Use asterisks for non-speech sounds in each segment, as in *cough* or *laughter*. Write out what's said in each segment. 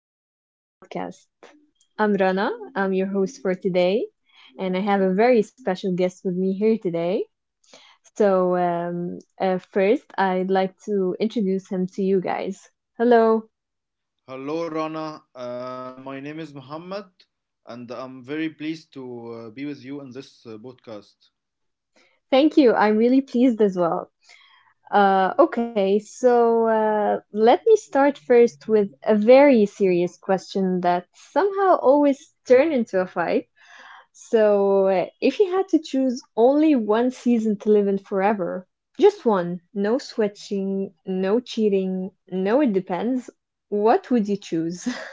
back to my podcast. I'm Rana, I'm your host for today, and I have a very special guest with me here today. So, first, I'd like to introduce him to you guys. Hello. Hello, Rana. My name is Muhammad, and I'm very pleased to be with you in this podcast. Thank you. I'm really pleased as well. Okay, so let me start first with a very serious question that somehow always turns into a fight. So, if you had to choose only one season to live in forever, just one, no switching, no cheating, no it depends, what would you choose? *laughs*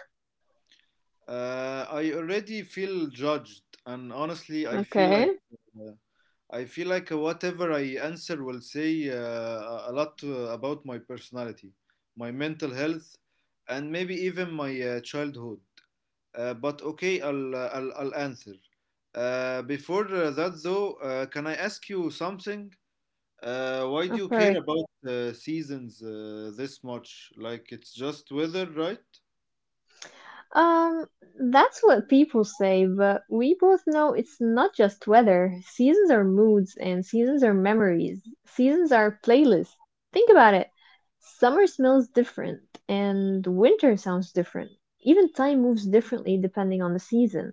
I already feel judged, and honestly, Okay, uh, I feel like whatever I answer will say a lot about my personality, my mental health, and maybe even my childhood. But okay, I'll answer. Before that, though, can I ask you something? Why do of you care course. about seasons this much? Like it's just weather, right? Um, that's what people say, but we both know it's not just weather. Seasons are moods, and seasons are memories. Seasons are playlists. Think about it. Summer smells different, and winter sounds different. Even time moves differently depending on the season.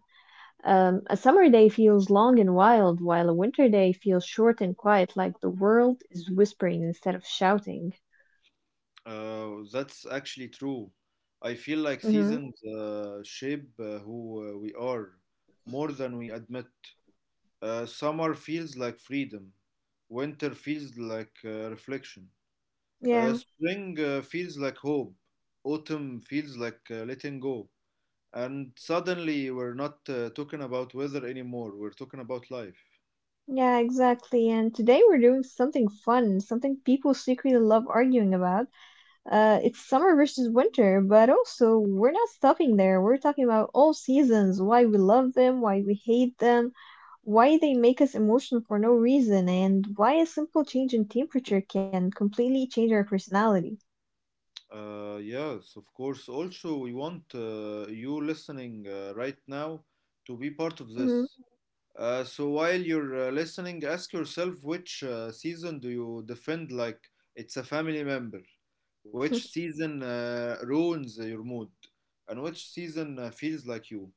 A summer day feels long and wild, while a winter day feels short and quiet, like the world is whispering instead of shouting. That's actually true. I feel like Mm-hmm. seasons shape who we are more than we admit. Summer feels like freedom. Winter feels like reflection. Uh, Yeah. spring uh, feels like hope. Autumn feels like letting go. And suddenly, we're not talking about weather anymore. We're talking about life. Yeah, exactly. And today we're doing something fun, something people secretly love arguing about. It's summer versus winter, but also we're not stopping there. We're talking about all seasons, why we love them, why we hate them, why they make us emotional for no reason, and why a simple change in temperature can completely change our personality. Yes, of course. Also, we want you listening right now to be part of Hmm. this. So while you're listening, ask yourself which season do you defend like it's a family member? Which *laughs* season ruins your mood? And which season feels like you?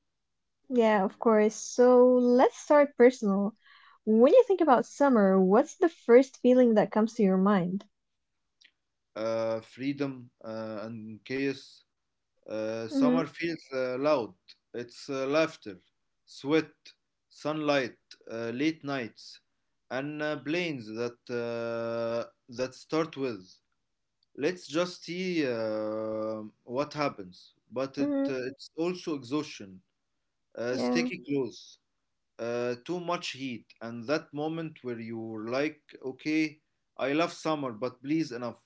Yeah, of course. So let's start personal. When you think about summer, what's the first feeling that comes to your mind? Freedom and chaos. Uh, Mm-hmm. summer feels loud. It's laughter, sweat, sunlight, late nights, and planes that start with. Let's just see what happens. But it Mm-hmm. uh, it's also exhaustion. Uh, Yeah. sticky clothes, too much heat, and that moment where you're like, okay, I love summer, but please enough.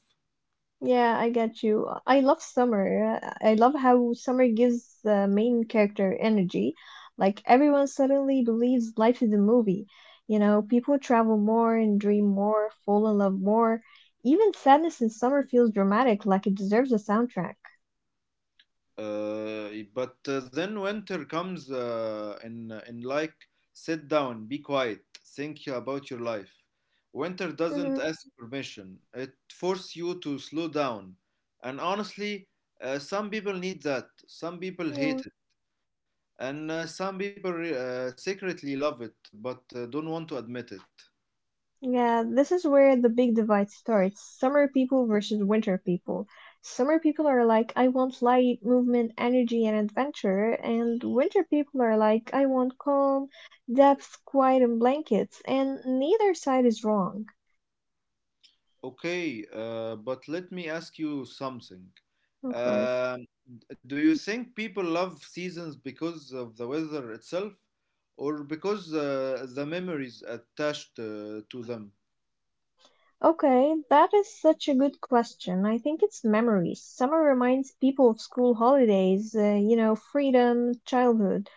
Yeah, I get you. I love summer. I love how summer gives the main character energy. Like everyone suddenly believes life is a movie. You know, people travel more and dream more, fall in love more. Even sadness in summer feels dramatic, like it deserves a soundtrack. But then winter comes and like sit down, be quiet, think about your life. Winter doesn't Mm-hmm. ask permission; it forces you to slow down. And honestly, some people need that. Some people hate it, and some people secretly love it, but don't want to admit it. Yeah, this is where the big divide starts. Summer people versus winter people. Summer people are like, I want light, movement, energy, and adventure. And winter people are like, I want calm, depth, quiet, and blankets. And neither side is wrong, Okay, but let me ask you something. of course. Um, do you think people love seasons because of the weather itself, or because the memories attached to them? Okay, that is such a good question. I think it's memories. Summer reminds people of school holidays, you know, freedom, childhood.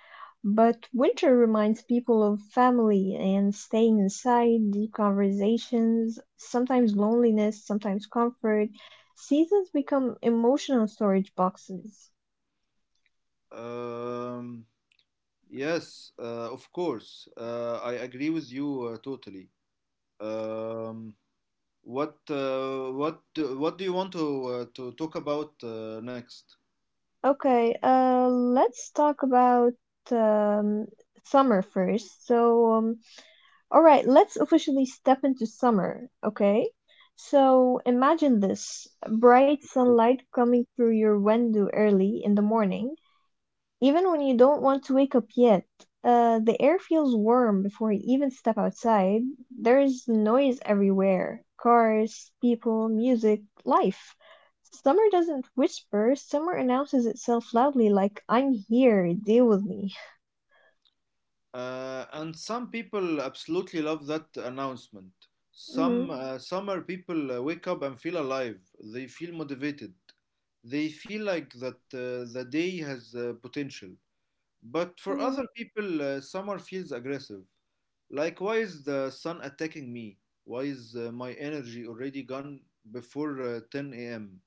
But winter reminds people of family and staying inside, deep conversations, sometimes loneliness, sometimes comfort. Seasons become emotional storage boxes. Um, yes, of course. I agree with you totally. Um, what do you want to talk about next? Okay, let's talk about um, summer first. So, all right, let's officially step into summer, okay? So imagine this bright sunlight coming through your window early in the morning, even when you don't want to wake up yet. The air feels warm before you even step outside. There is noise everywhere cars, people, music, life. Summer doesn't whisper, summer announces itself loudly, like, I'm here, deal with me. And some people absolutely love that announcement. *laughs* Hmm. Some summer people wake up and feel alive. They feel motivated. They feel like that the day has potential. But Hmm. for other people, summer feels aggressive. Like, why is the sun attacking me? Why is my energy already gone before 10 a.m.?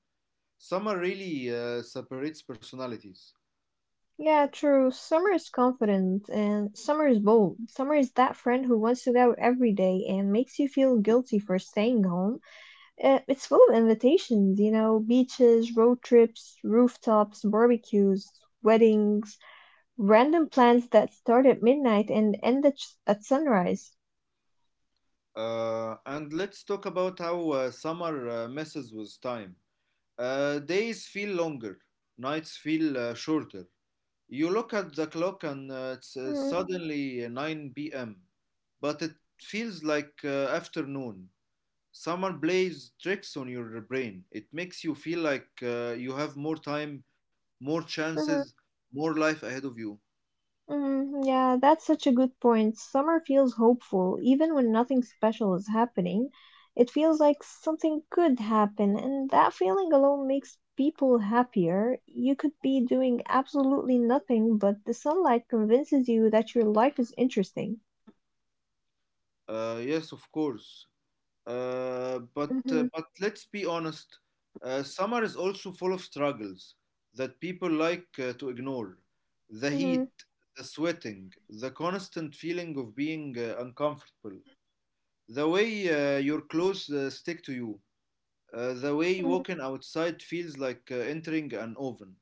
Summer really separates personalities. Yeah, true. Summer is confident and summer is bold. Summer is that friend who wants to go out every day and makes you feel guilty for staying home. It's full of invitations, you know, beaches, road trips, rooftops, barbecues, weddings, random plans that start at midnight and end at sunrise. And let's talk about how summer messes with time. Days feel longer, nights feel shorter. You look at the clock and it's Mm-hmm. suddenly 9 p.m., but it feels like afternoon. Summer plays tricks on your brain. It makes you feel like you have more time, more chances, more life ahead of you. Mm, yeah, that's such a good point. Summer feels hopeful, even when nothing special is happening. It feels like something could happen, and that feeling alone makes people happier. You could be doing absolutely nothing, but the sunlight convinces you that your life is interesting. Yes, of course. Uh, but uh, Mm-hmm, but let's be honest, summer is also full of struggles that people like to ignore. The mm-hmm, heat, the sweating, the constant feeling of being uncomfortable, the way your clothes stick to you, the way mm-hmm. walking outside feels like entering an oven.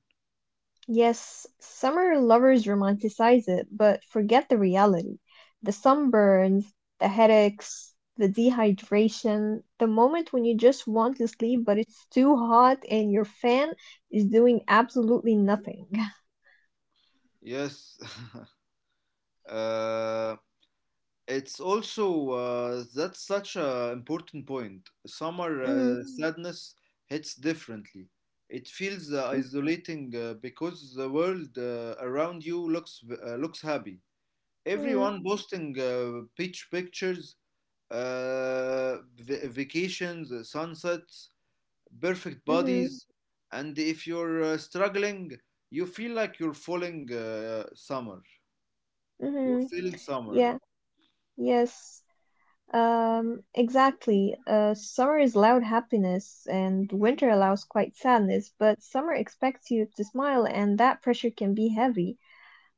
Yes, summer lovers romanticize it, but forget the reality. The sunburns, the headaches, the dehydration, the moment when you just want to sleep, but it's too hot and your fan is doing absolutely nothing. *laughs* Yes. *laughs* Uh, It's also that's such a important point. Summer uh, Mm, Mm. sadness hits differently. It feels mm, isolating because the world around you looks happy. mm, Everyone posting beach pictures, vacations, sunsets, perfect Mm. mhm, bodies, and if you're struggling, you feel like you're falling summer. You're mhm. feeling summer. Yeah, yes. Exactly. Summer is loud happiness and winter allows quiet sadness, but summer expects you to smile and that pressure can be heavy.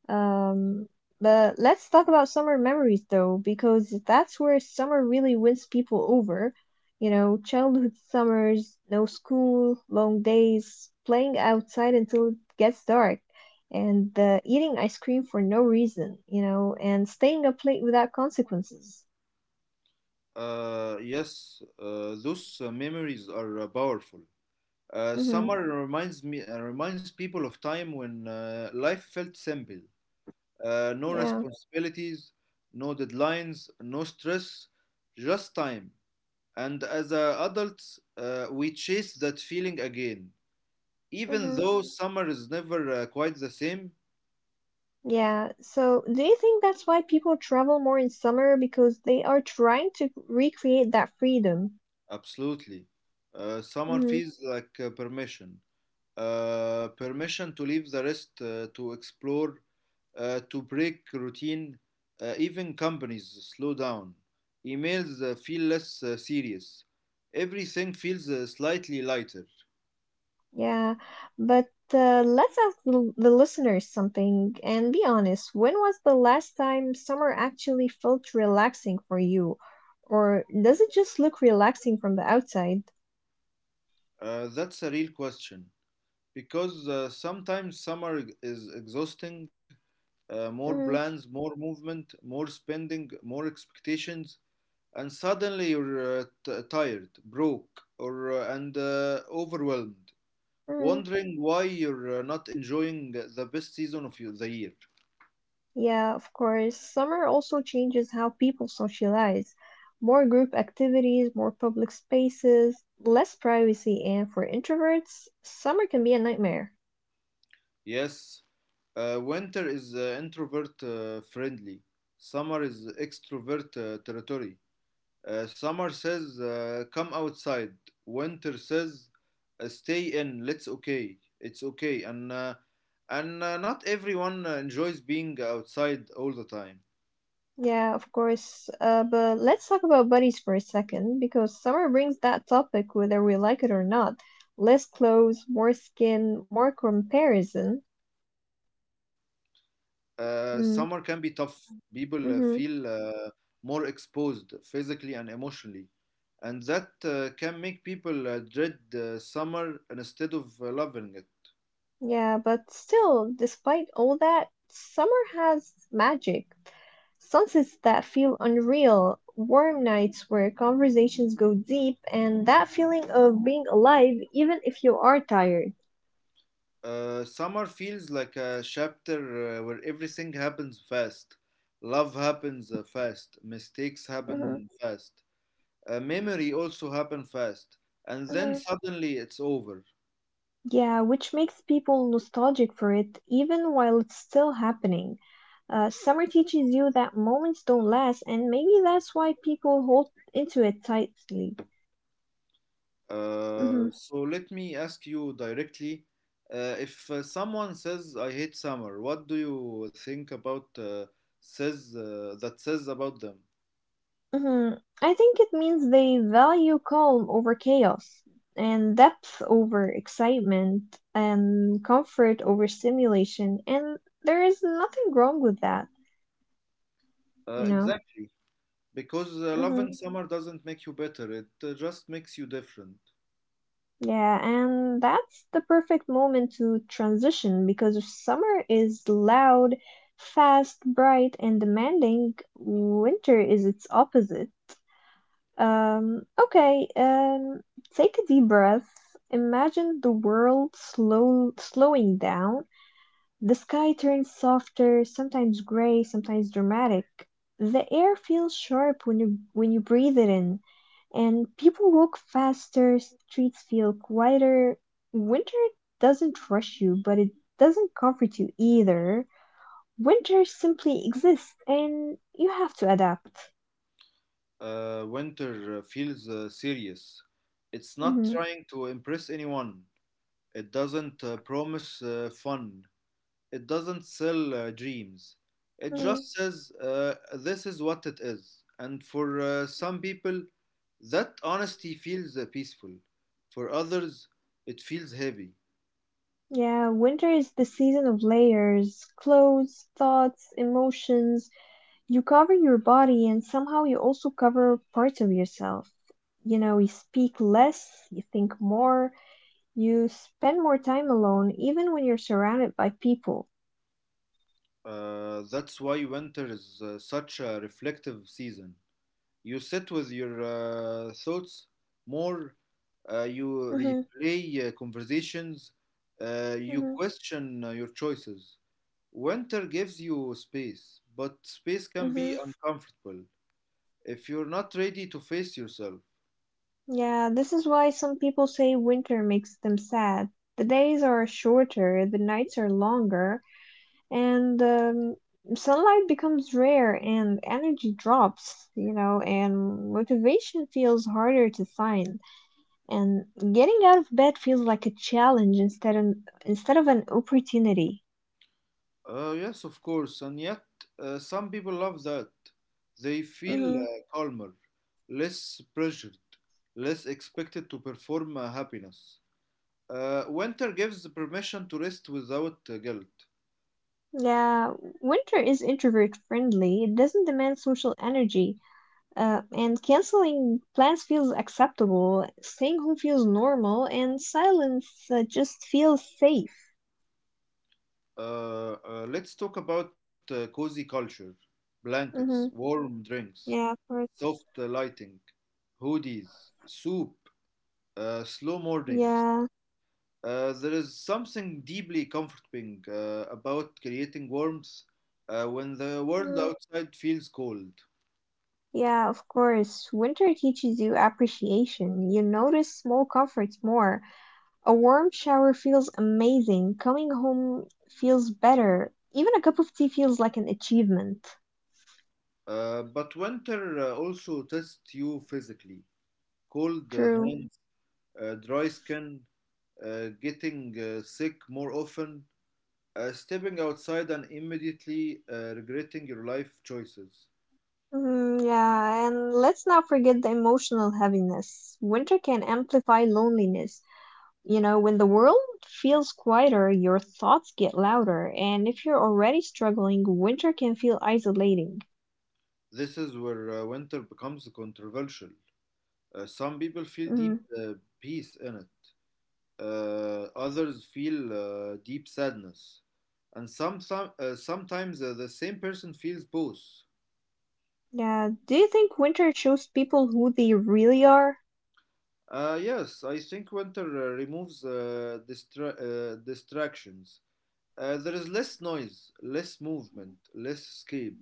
Um, but let's talk about summer memories though, because that's where summer really wins people over. You know, childhood summers, no school, long days, playing outside until it gets dark, and eating ice cream for no reason, you know, and staying up late without consequences. Yes, those memories are powerful. Uh, Mm-hmm. summer reminds me uh, reminds people of time when life felt simple. No Yeah. responsibilities, no deadlines, no stress, just time. And as adults, we chase that feeling again, even Mm-hmm. though summer is never quite the same. Yeah. So, do you think that's why people travel more in summer because they are trying to recreate that freedom? Absolutely, summer Mm-hmm. feels like permission to leave the rest to explore to break routine. Even companies slow down. Emails feel less serious. Everything feels slightly lighter. Yeah, but let's ask the listeners something and be honest. When was the last time summer actually felt relaxing for you? Or does it just look relaxing from the outside? That's a real question because sometimes summer is exhausting. More Mm, plans, more movement, more spending, more expectations, and suddenly you're tired, broke, or and overwhelmed, mm, wondering why you're not enjoying the best season of your- the year. yeah, of course. Summer also changes how people socialize. More group activities, more public spaces, less privacy, and for introverts, summer can be a nightmare. Yes, winter is introvert friendly. Summer is extrovert territory. Summer says come outside. Winter says stay in. Let's okay. It's okay. And not everyone enjoys being outside all the time. Yeah, of course. But let's talk about buddies for a second, because summer brings that topic whether we like it or not. Less clothes, more skin, more comparison. Summer can be Mm, tough. People feel mm-hmm. More exposed physically and emotionally, and that can make people dread summer instead of loving it. Yeah, but still, despite all that, summer has magic. Sunsets that feel unreal, warm nights where conversations go deep, and that feeling of being alive even if you are tired. Summer feels like a chapter where everything happens fast. Love happens fast, mistakes Mm-hmm. happen fast, memory also happen fast, and then Mm-hmm. suddenly it's over. Yeah, which makes people nostalgic for it even while it's still happening. Summer teaches you that moments don't last, and maybe that's why people hold into it tightly. Uh, Hmm. so let me ask you directly. If someone says I hate summer, what do you think about says that says about them? Hmm. I think it means they value calm over chaos, and depth over excitement, and comfort over stimulation, and there is nothing wrong with that, Uh, you know? exactly. Because Mm-hmm. loving summer doesn't make you better, it just makes you different. Yeah, and that's the perfect moment to transition because summer is loud, fast, bright, and demanding. Winter is its opposite. Okay, take a deep breath. Imagine the world slow, slowing down. The sky turns softer, sometimes gray, sometimes dramatic. The air feels sharp when you breathe it in and people walk faster, streets feel quieter. Winter doesn't rush you, but it doesn't comfort you either. Winter simply exists, and you have to adapt. Winter feels serious. It's not Mhm, trying to impress anyone, it doesn't promise fun, it doesn't sell dreams. It mhm. just says, this is what it is. And for some people, that honesty feels peaceful. For others, it feels heavy. Yeah, winter is the season of layers, clothes, thoughts, emotions. You cover your body, and somehow you also cover parts of yourself. You know, you speak less, you think more, you spend more time alone, even when you're surrounded by people. That's why winter is such a reflective season. You sit with your thoughts more. You Mhm. replay conversations. You Mhm. question your choices. Winter gives you space, but space can be Mhm. uncomfortable if you're not ready to face yourself. Yeah, this is why some people say winter makes them sad. The days are shorter, the nights are longer, and sunlight becomes rare and energy drops, you know, and motivation feels harder to find. And getting out of bed feels like a challenge instead of an opportunity. Yes, of course, and yet some people love that. They feel Mhm. Calmer, less pressured, less expected to perform happiness. Winter gives the permission to rest without guilt. Yeah, winter is introvert friendly. It doesn't demand social energy. And canceling plans feels acceptable, staying home feels normal, and silence just feels safe. Let's talk about cozy culture, blankets, Mm-hmm. warm drinks, Yeah, of course. soft lighting, hoodies, soup, slow mornings. Yeah. There is something deeply comforting about creating warmth when the world Mm, outside feels cold. yeah, of course. Winter teaches you appreciation. You notice small comforts more. A warm shower feels amazing. Coming home feels better. Even a cup of tea feels like an achievement. But winter also tests you physically. Cold True. hands, dry skin, getting sick more often, stepping outside and immediately regretting your life choices. Mm, yeah, and let's not forget the emotional heaviness. Winter can amplify loneliness. You know, when the world feels quieter, your thoughts get louder, and if you're already struggling, winter can feel isolating. This is where winter becomes controversial. Some people Mm, feel deep peace in it, others feel deep sadness, and some, sometimes the same person feels both. yeah, do you think winter shows people who they really are? Yes, I think winter removes distractions. There is less noise, less movement, less escape.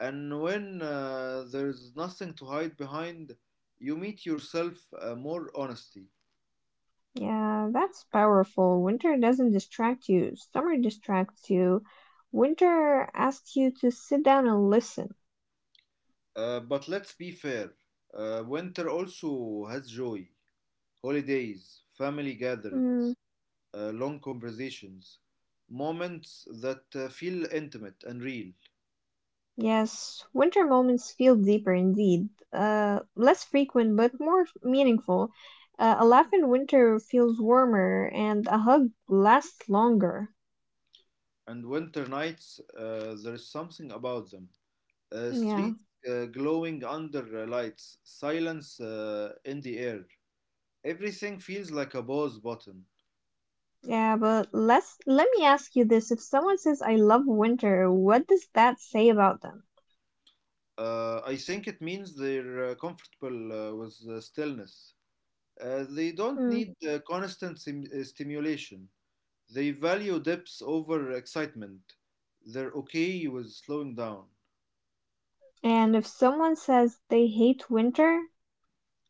And when there's nothing to hide behind, you meet yourself more honesty. Yeah, that's powerful. Winter doesn't distract you, summer distracts you. Winter asks you to sit down and listen. But let's be fair. Winter also has joy, holidays, family Mm. gatherings, long conversations, moments that feel intimate and real. Yes, winter moments feel deeper indeed, less frequent but more meaningful. A laugh in winter feels warmer, and a hug lasts longer. And winter nights, there's something about them. Uh, Yeah, streets uh, glowing under lights, silence in the air. Everything feels like a pause button. yeah, but let me ask you this: if someone says "I love winter," what does that say about them? I think it means they're comfortable with stillness. They don't Hmm. need constant stimulation. They value depth over excitement. They're okay with slowing down. And if someone says they hate winter,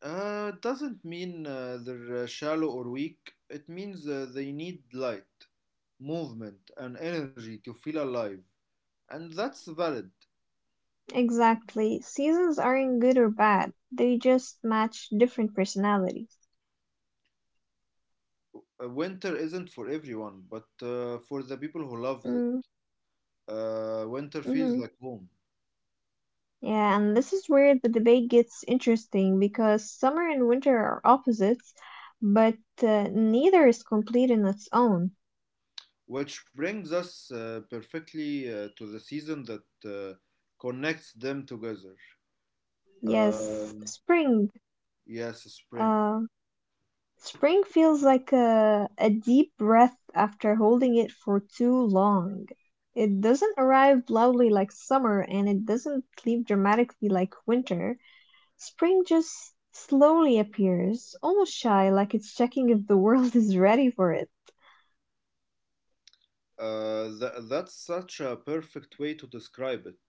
It doesn't mean they're shallow or weak. It means they need light, movement, and energy to feel alive. And that's valid. exactly, seasons aren't good or bad; they just match different personalities. Winter isn't for everyone, but for the people Mm. who love it, Mm-hmm. winter feels like home. Yeah, and this is where the debate gets interesting because summer and winter are opposites, but neither is complete in its own. Which brings us perfectly to the season that connects them together. Uh, Yes, spring. yes, spring. Uh, spring feels like a deep breath after holding it for too long. It doesn't arrive loudly like summer, and it doesn't leave dramatically like winter. Spring just slowly appears, almost shy, like it's checking if the world *laughs* is ready for it. That's such a perfect way to describe it.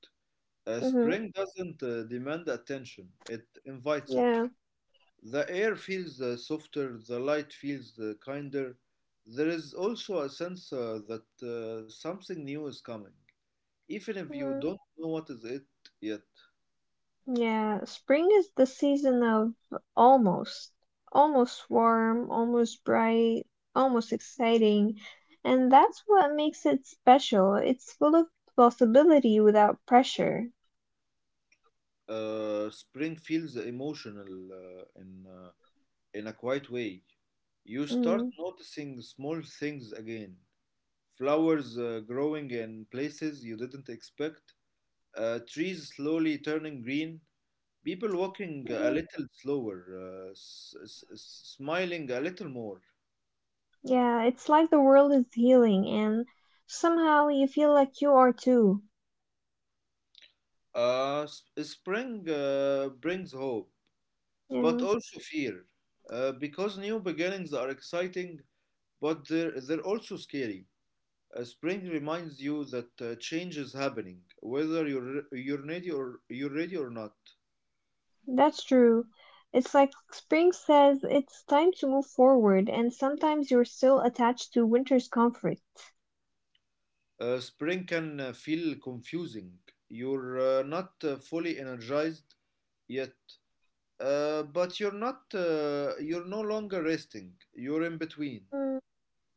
Uh, Mm-hmm. spring doesn't demand attention, it invites it. Yeah. The air feels softer, the light feels kinder. There is also a sense that something new is coming, even if you Mhm. don't know what is it yet. Yeah, spring is the season of almost. Almost warm, almost bright, almost exciting. And that's what makes it special. It's full of possibility without pressure. Spring feels emotional in a quiet way. You start Mm. noticing small things again. Flowers growing in places you didn't expect. Trees slowly turning green. People walking a Hmm. little slower, smiling a little more. Yeah, it's like the world is healing and somehow you feel like you are too. Spring brings hope, but Yeah, also fear, because new beginnings are exciting, but they're also scary. Spring reminds you that change is happening, whether you're ready or you're ready or not. that's true. It's like spring says it's time to move forward, and sometimes you're still attached to winter's comfort. Spring can feel confusing. You're not fully energized yet, but you're not. You're no longer resting. You're in between. Mm.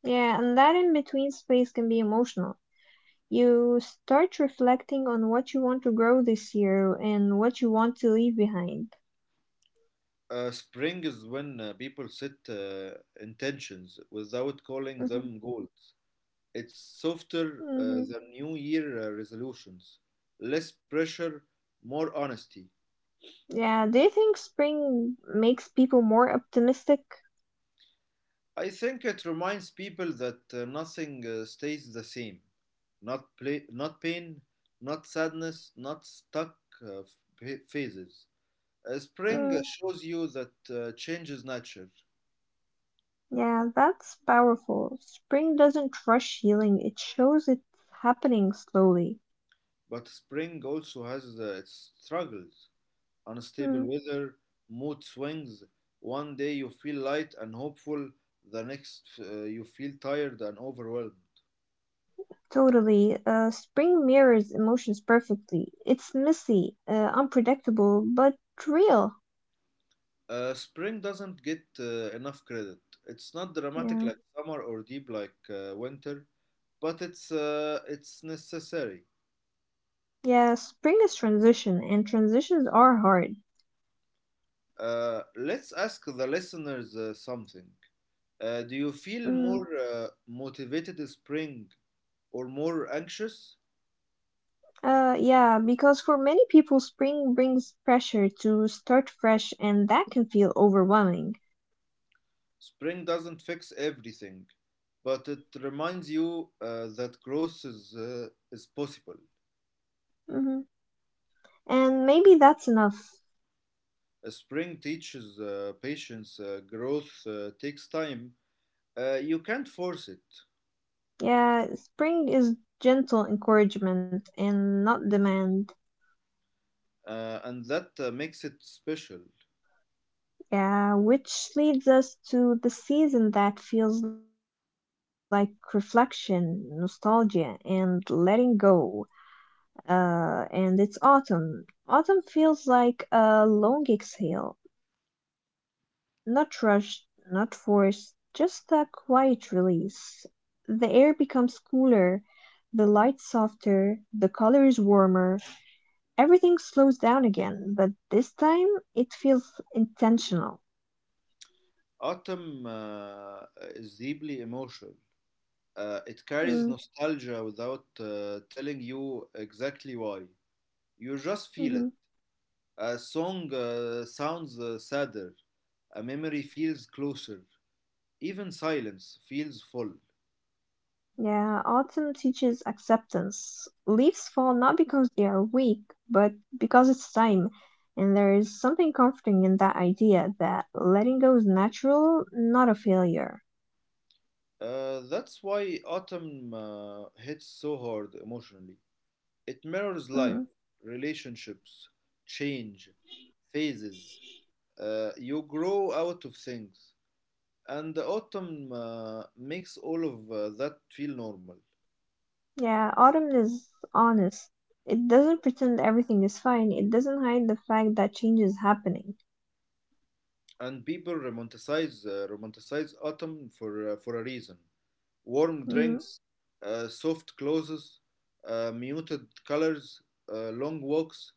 Yeah, and that in between space can be emotional. You start reflecting on what you want to grow this year and what you want to leave behind. Spring is when people set intentions without calling Mhm. them goals. It's softer Mhm. than New Year resolutions, less pressure, more honesty. Yeah, do you think spring makes people more optimistic? I think it reminds people that nothing stays the same. Not play, not pain, not sadness, not stuck uh, phases. Spring Mm, shows you that change is nature, yeah, that's powerful. Spring doesn't rush healing, it shows it's happening slowly. but spring also has its struggles. Unstable Mm, weather, mood swings. One day you feel light and hopeful, the next you feel tired and overwhelmed. totally. Spring mirrors emotions perfectly. It's messy, unpredictable, but real. Spring doesn't get enough credit. It's not dramatic Yeah. like summer or deep like winter, but it's necessary. Yeah, spring is transition, and transitions are hard. Let's ask the listeners something. Do you feel Mm, more motivated in spring or more anxious? Yeah, because for many people, spring brings pressure to start fresh, and that can feel overwhelming. Spring doesn't fix everything, but it reminds you that growth is possible. Hmm. And maybe that's enough. Spring teaches patience. Growth takes time. You can't force it, Yeah, spring is gentle encouragement and not demand. And that makes it special. Yeah, which leads us to the season that feels like reflection, nostalgia, and letting go. And it's autumn. Autumn feels like a long exhale, not rushed, not forced, just a quiet release. The air becomes cooler, the light softer, the colors warmer. Everything slows down again, but this time it feels intentional. Autumn is deeply emotional. It Mm, carries nostalgia without telling you exactly why. You just mhm. feel it. A song sounds sadder, a memory feels closer, even silence feels full. Yeah, autumn teaches acceptance. Leaves fall not because they are weak, but because it's time. And there is something comforting in that idea that letting go is natural, not a failure. That's why autumn hits so hard emotionally. It mirrors Hmm. life, relationships, change, phases. You grow out of things. And the autumn makes all of that feel normal. Yeah, autumn is honest. It doesn't pretend everything is fine, it doesn't hide the fact that change is happening. And people romanticize autumn for a reason. Warm Mhm. drinks, soft clothes, muted colors, long walks.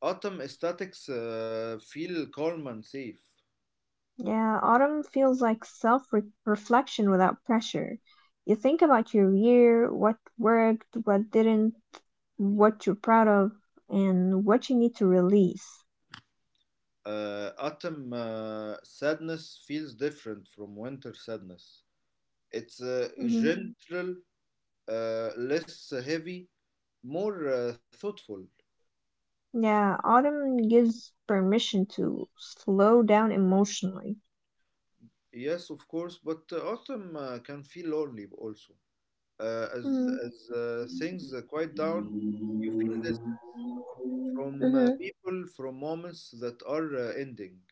Autumn aesthetics feel calm and safe. Yeah, autumn feels like self reflection without pressure. You think about your year, what worked, what didn't, what you're proud of and what you need to release. Autumn sadness feels different from winter sadness. It's Hmm. gentle, less heavy, more thoughtful. Yeah, autumn gives permission to slow down emotionally. Yes, of course, but autumn can feel lonely also. Uh, as Hmm. as uh, things quiet down, you feel this from Hmm. people, from moments that are ending.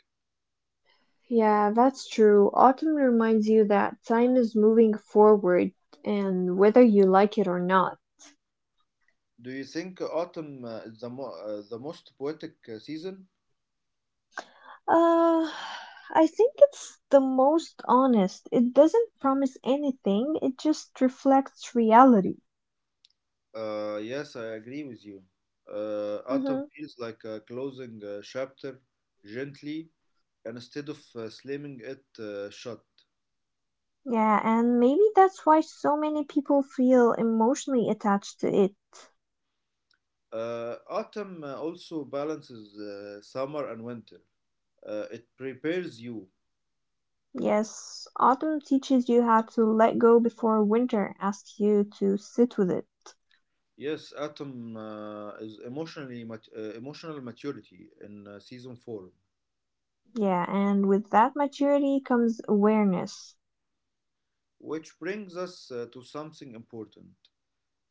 Yeah, that's true. Autumn reminds you that time is moving forward, and whether you like it or not. Do you think autumn is the most poetic season? Uh, I think it's the most honest. It doesn't promise anything, it just reflects reality. Yes, I agree with you. Autumn Mm-hmm. feels like a closing chapter gently instead of slamming it shut. Yeah, and maybe that's why so many people feel emotionally attached to it. Autumn also balances summer and winter. It prepares you. Yes, autumn teaches you how to let go before winter asks you to sit with it. Yes, autumn is emotional maturity in season form, Yeah, and with that maturity comes awareness. which brings us to something important.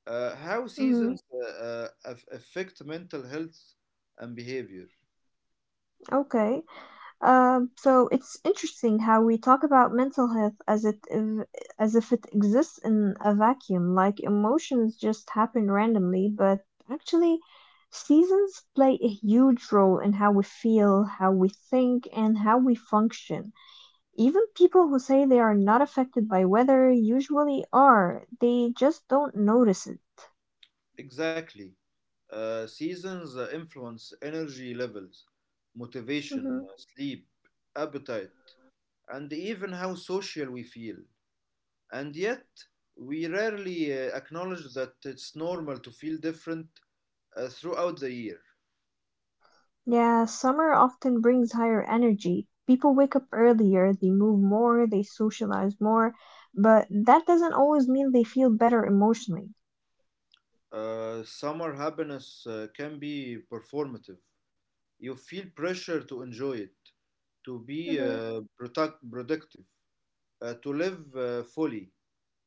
How Hmm. seasons affect mental health and behavior. Okay. So it's interesting how we talk about mental health as if it exists in a vacuum, like emotions just happen randomly, but actually seasons play a huge role in how we feel, how we think, and how we function. Even people who say they are not affected by weather usually are. They just don't notice it. Exactly. Seasons influence energy levels, motivation, sleep, appetite, and even how social we feel. And yet, we rarely acknowledge that it's normal to feel different throughout the year. Yeah, summer often brings higher energy. People wake up earlier, they move more, they socialize more, but that doesn't always mean they feel better emotionally. Summer happiness can be performative. You feel pressure to enjoy it, to be Hmm. Productive, to live fully.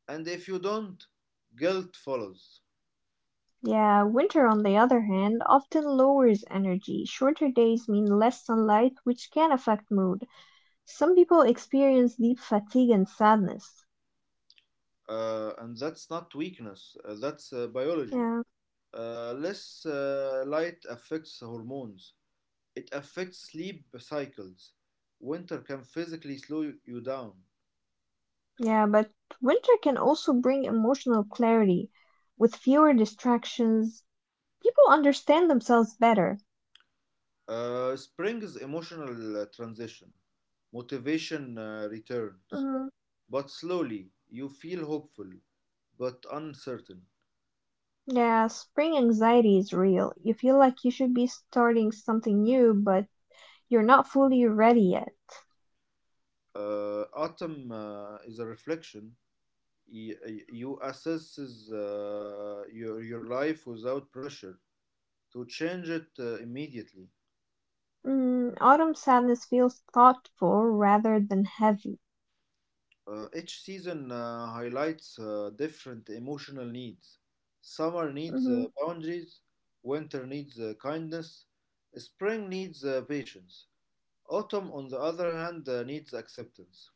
And if you don't, guilt follows. Yeah, winter, on the other hand, often lowers energy. Shorter days mean less sunlight, which can affect mood. Some people experience deep fatigue and sadness. And that's not weakness, that's biology. Yeah, Less light affects hormones, it affects sleep cycles. Winter can physically slow you down. yeah, but winter can also bring emotional clarity. With fewer distractions, people understand themselves better. Spring is emotional transition, motivation returns, but slowly you feel hopeful but uncertain. Yeah, spring anxiety is real. You feel like you should be starting something new, but you're not fully ready yet. Autumn is a reflection. You assess your life without pressure to change it immediately. Mm, autumn sadness feels thoughtful rather than heavy. Each season highlights different emotional needs. Summer needs Hmm. boundaries, winter needs kindness, spring needs patience, autumn, on the other hand, needs acceptance.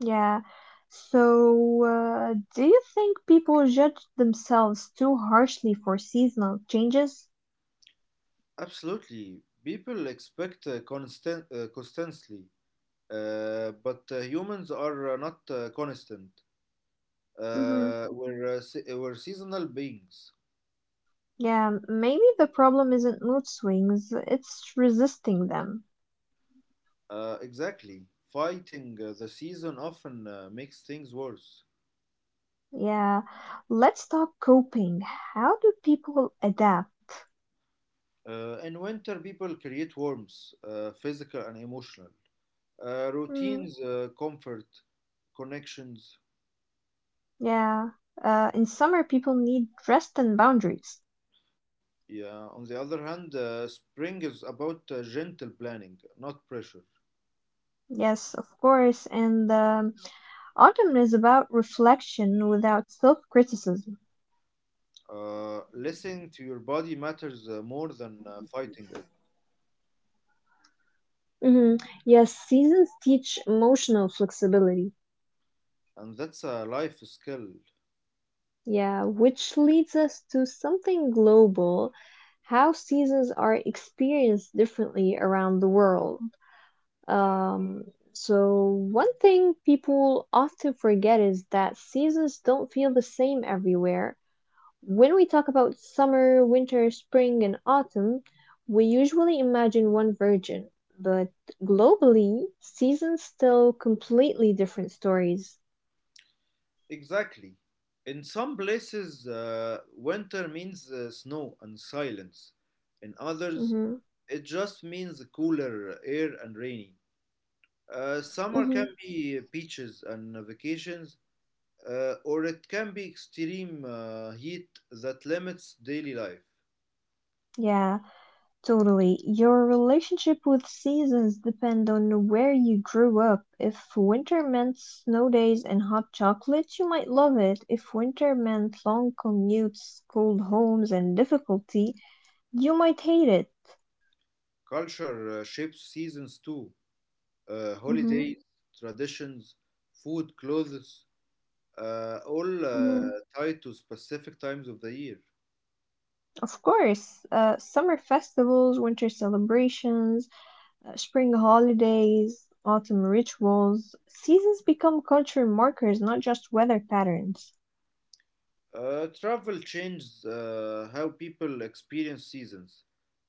Yeah. So, do you think people judge themselves too harshly for seasonal changes? Absolutely, people expect constantly, but humans are not constant. Hmm. We're seasonal beings. Yeah, maybe the problem isn't mood swings, it's resisting them. Exactly. Fighting the season often makes things worse. Yeah. Let's talk coping. How do people adapt? In winter, people create warmth, physical and emotional. Mm. Routines, comfort, connections. Yeah. In summer, people need rest and boundaries. Yeah. On the other hand, spring is about gentle planning, not pressure. Yes, of course. And autumn is about reflection without self-criticism. Listening to your body matters more than fighting it, Hmm. Yes, seasons teach emotional flexibility. and that's a life skill. Yeah, which leads us to something global, how seasons are experienced differently around the world. Um, so one thing people often forget is that seasons don't feel the same everywhere. When we talk about summer, winter, spring, and autumn, we usually imagine one version, but globally, seasons tell completely different stories. Exactly. In some places, winter means snow and silence. In others, Mhm. it just means cooler air and rainy. Summer can Mhm. be beaches and vacations, or it can be extreme heat that limits daily life. Yeah, totally. Your relationship with seasons depend on where you grew up. If winter meant snow days and hot chocolate, you might love it. If winter meant long commutes, cold homes, and difficulty, you might hate it. Culture shapes seasons too. Mhm. Holidays, traditions, food, clothes, all Mhm. tied to specific times of the year. Of course, summer festivals, winter celebrations, spring holidays, autumn rituals. Seasons become culture markers, not just weather patterns. Travel changes how people experience seasons.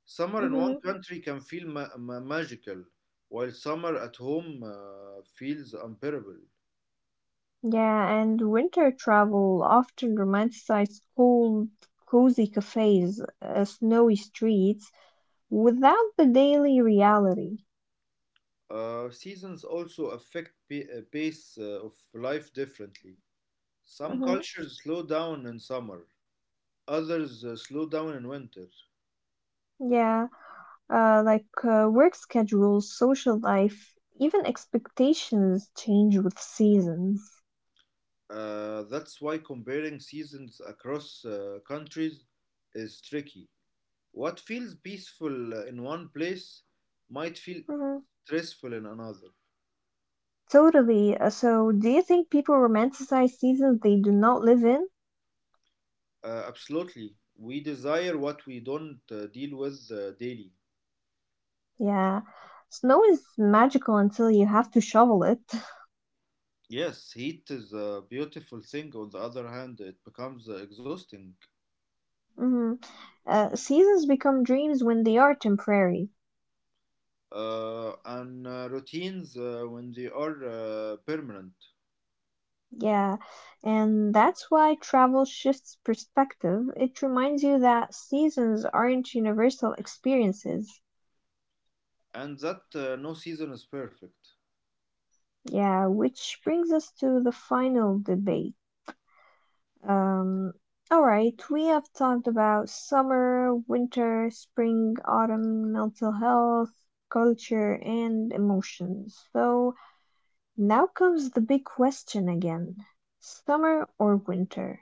Summer in one Hmm. country can feel magical, while summer at home feels unbearable. Yeah, and winter travel often romanticizes cold, cozy cafes, snowy streets, without the daily reality. Seasons also affect pace of life differently. Some Hmm. cultures slow down in summer, others slow down in winter. Yeah, like work schedules, social life, even expectations change with seasons. That's why comparing seasons across countries is tricky. What feels peaceful in one place might feel Mhm. stressful in another. Totally. So, do you think people romanticize seasons they do not live in? Absolutely. We desire what we don't deal with daily. Yeah. Snow is magical until you have to shovel it. *laughs* Yes, heat is a beautiful thing. On the other hand, it becomes exhausting. Hmm. Seasons become dreams when they are temporary. And routines when they are permanent. Yeah. And that's why travel shifts perspective. It reminds you that seasons aren't universal experiences. And that no season is perfect. Yeah, which brings us to the final debate. Um, all right, we have talked about summer, winter, spring, autumn, mental health, culture, and emotions. So now comes the big question again, summer or winter?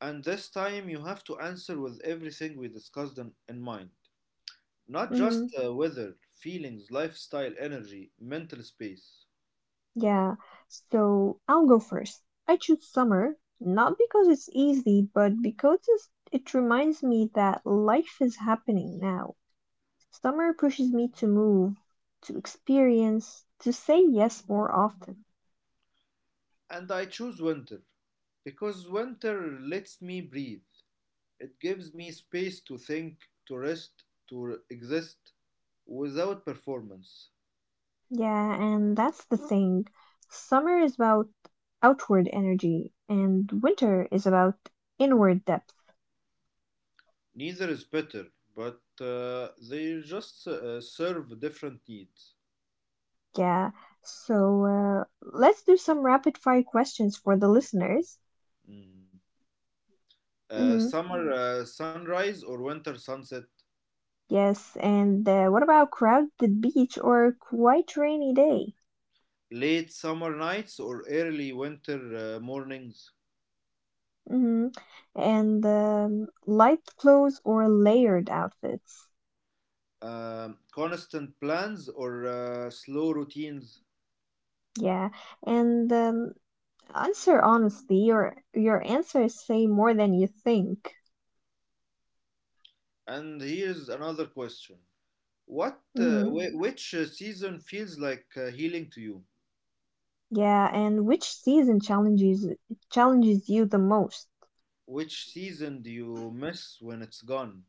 And this time you have to answer with everything we discussed in mind. Not Hmm. just weather, feelings, lifestyle, energy, mental space. Yeah, so I'll go first. I choose summer, not because it's easy, but because it reminds me that life is happening now. Summer pushes me to move, to experience, to say yes more often. And I choose winter because winter lets me breathe. It gives me space to think, to rest, to exist without performance. Yeah, and that's the thing. Summer is about outward energy, and winter is about inward depth. Neither is better, but they just serve different needs. Yeah, so let's do some rapid fire questions for the listeners. Mm. Mm-hmm. Summer sunrise or winter sunset, Yes, and what about crowded beach or quite rainy day? late summer nights or early winter mornings. Mm-hmm. And light clothes or layered outfits? Constant plans or slow routines? Yeah, and answer honestly. Your answers say more than you think. And here's another question. Hmm. Which season feels like healing to you? Yeah, and which season challenges you the most? Which season do you miss when it's gone?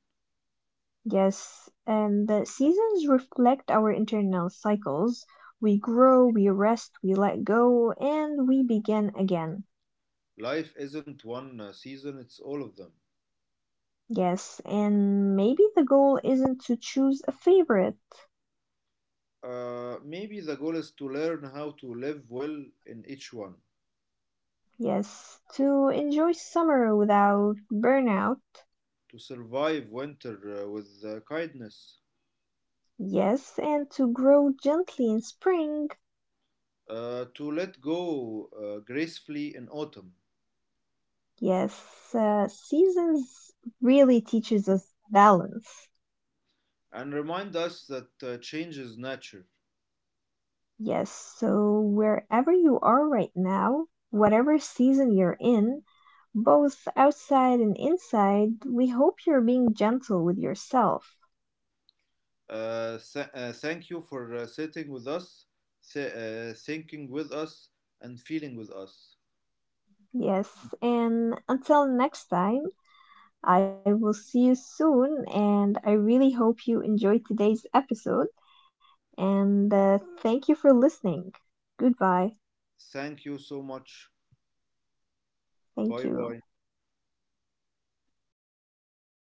Yes, and the seasons reflect our internal cycles. We grow, we rest, we let go, and we begin again. Life isn't one season, it's all of them. Yes, and maybe the goal isn't to choose a favorite. Maybe the goal is to learn how to live well in each one, Yes, to enjoy summer without burnout. to survive winter with kindness, Yes, and to grow gently in spring. To let go gracefully in autumn Yes, seasons really teaches us balance. and remind us that change is nature. Yes, so wherever you are right now, whatever season you're in, both outside and inside, we hope you're being gentle with yourself. Thank you for sitting with us, thinking with us, and feeling with us. Yes, and until next time, I will see you soon, and I really hope you enjoyed today's episode. And thank you for listening. Goodbye. Thank you so much. Thank Bye you. bye.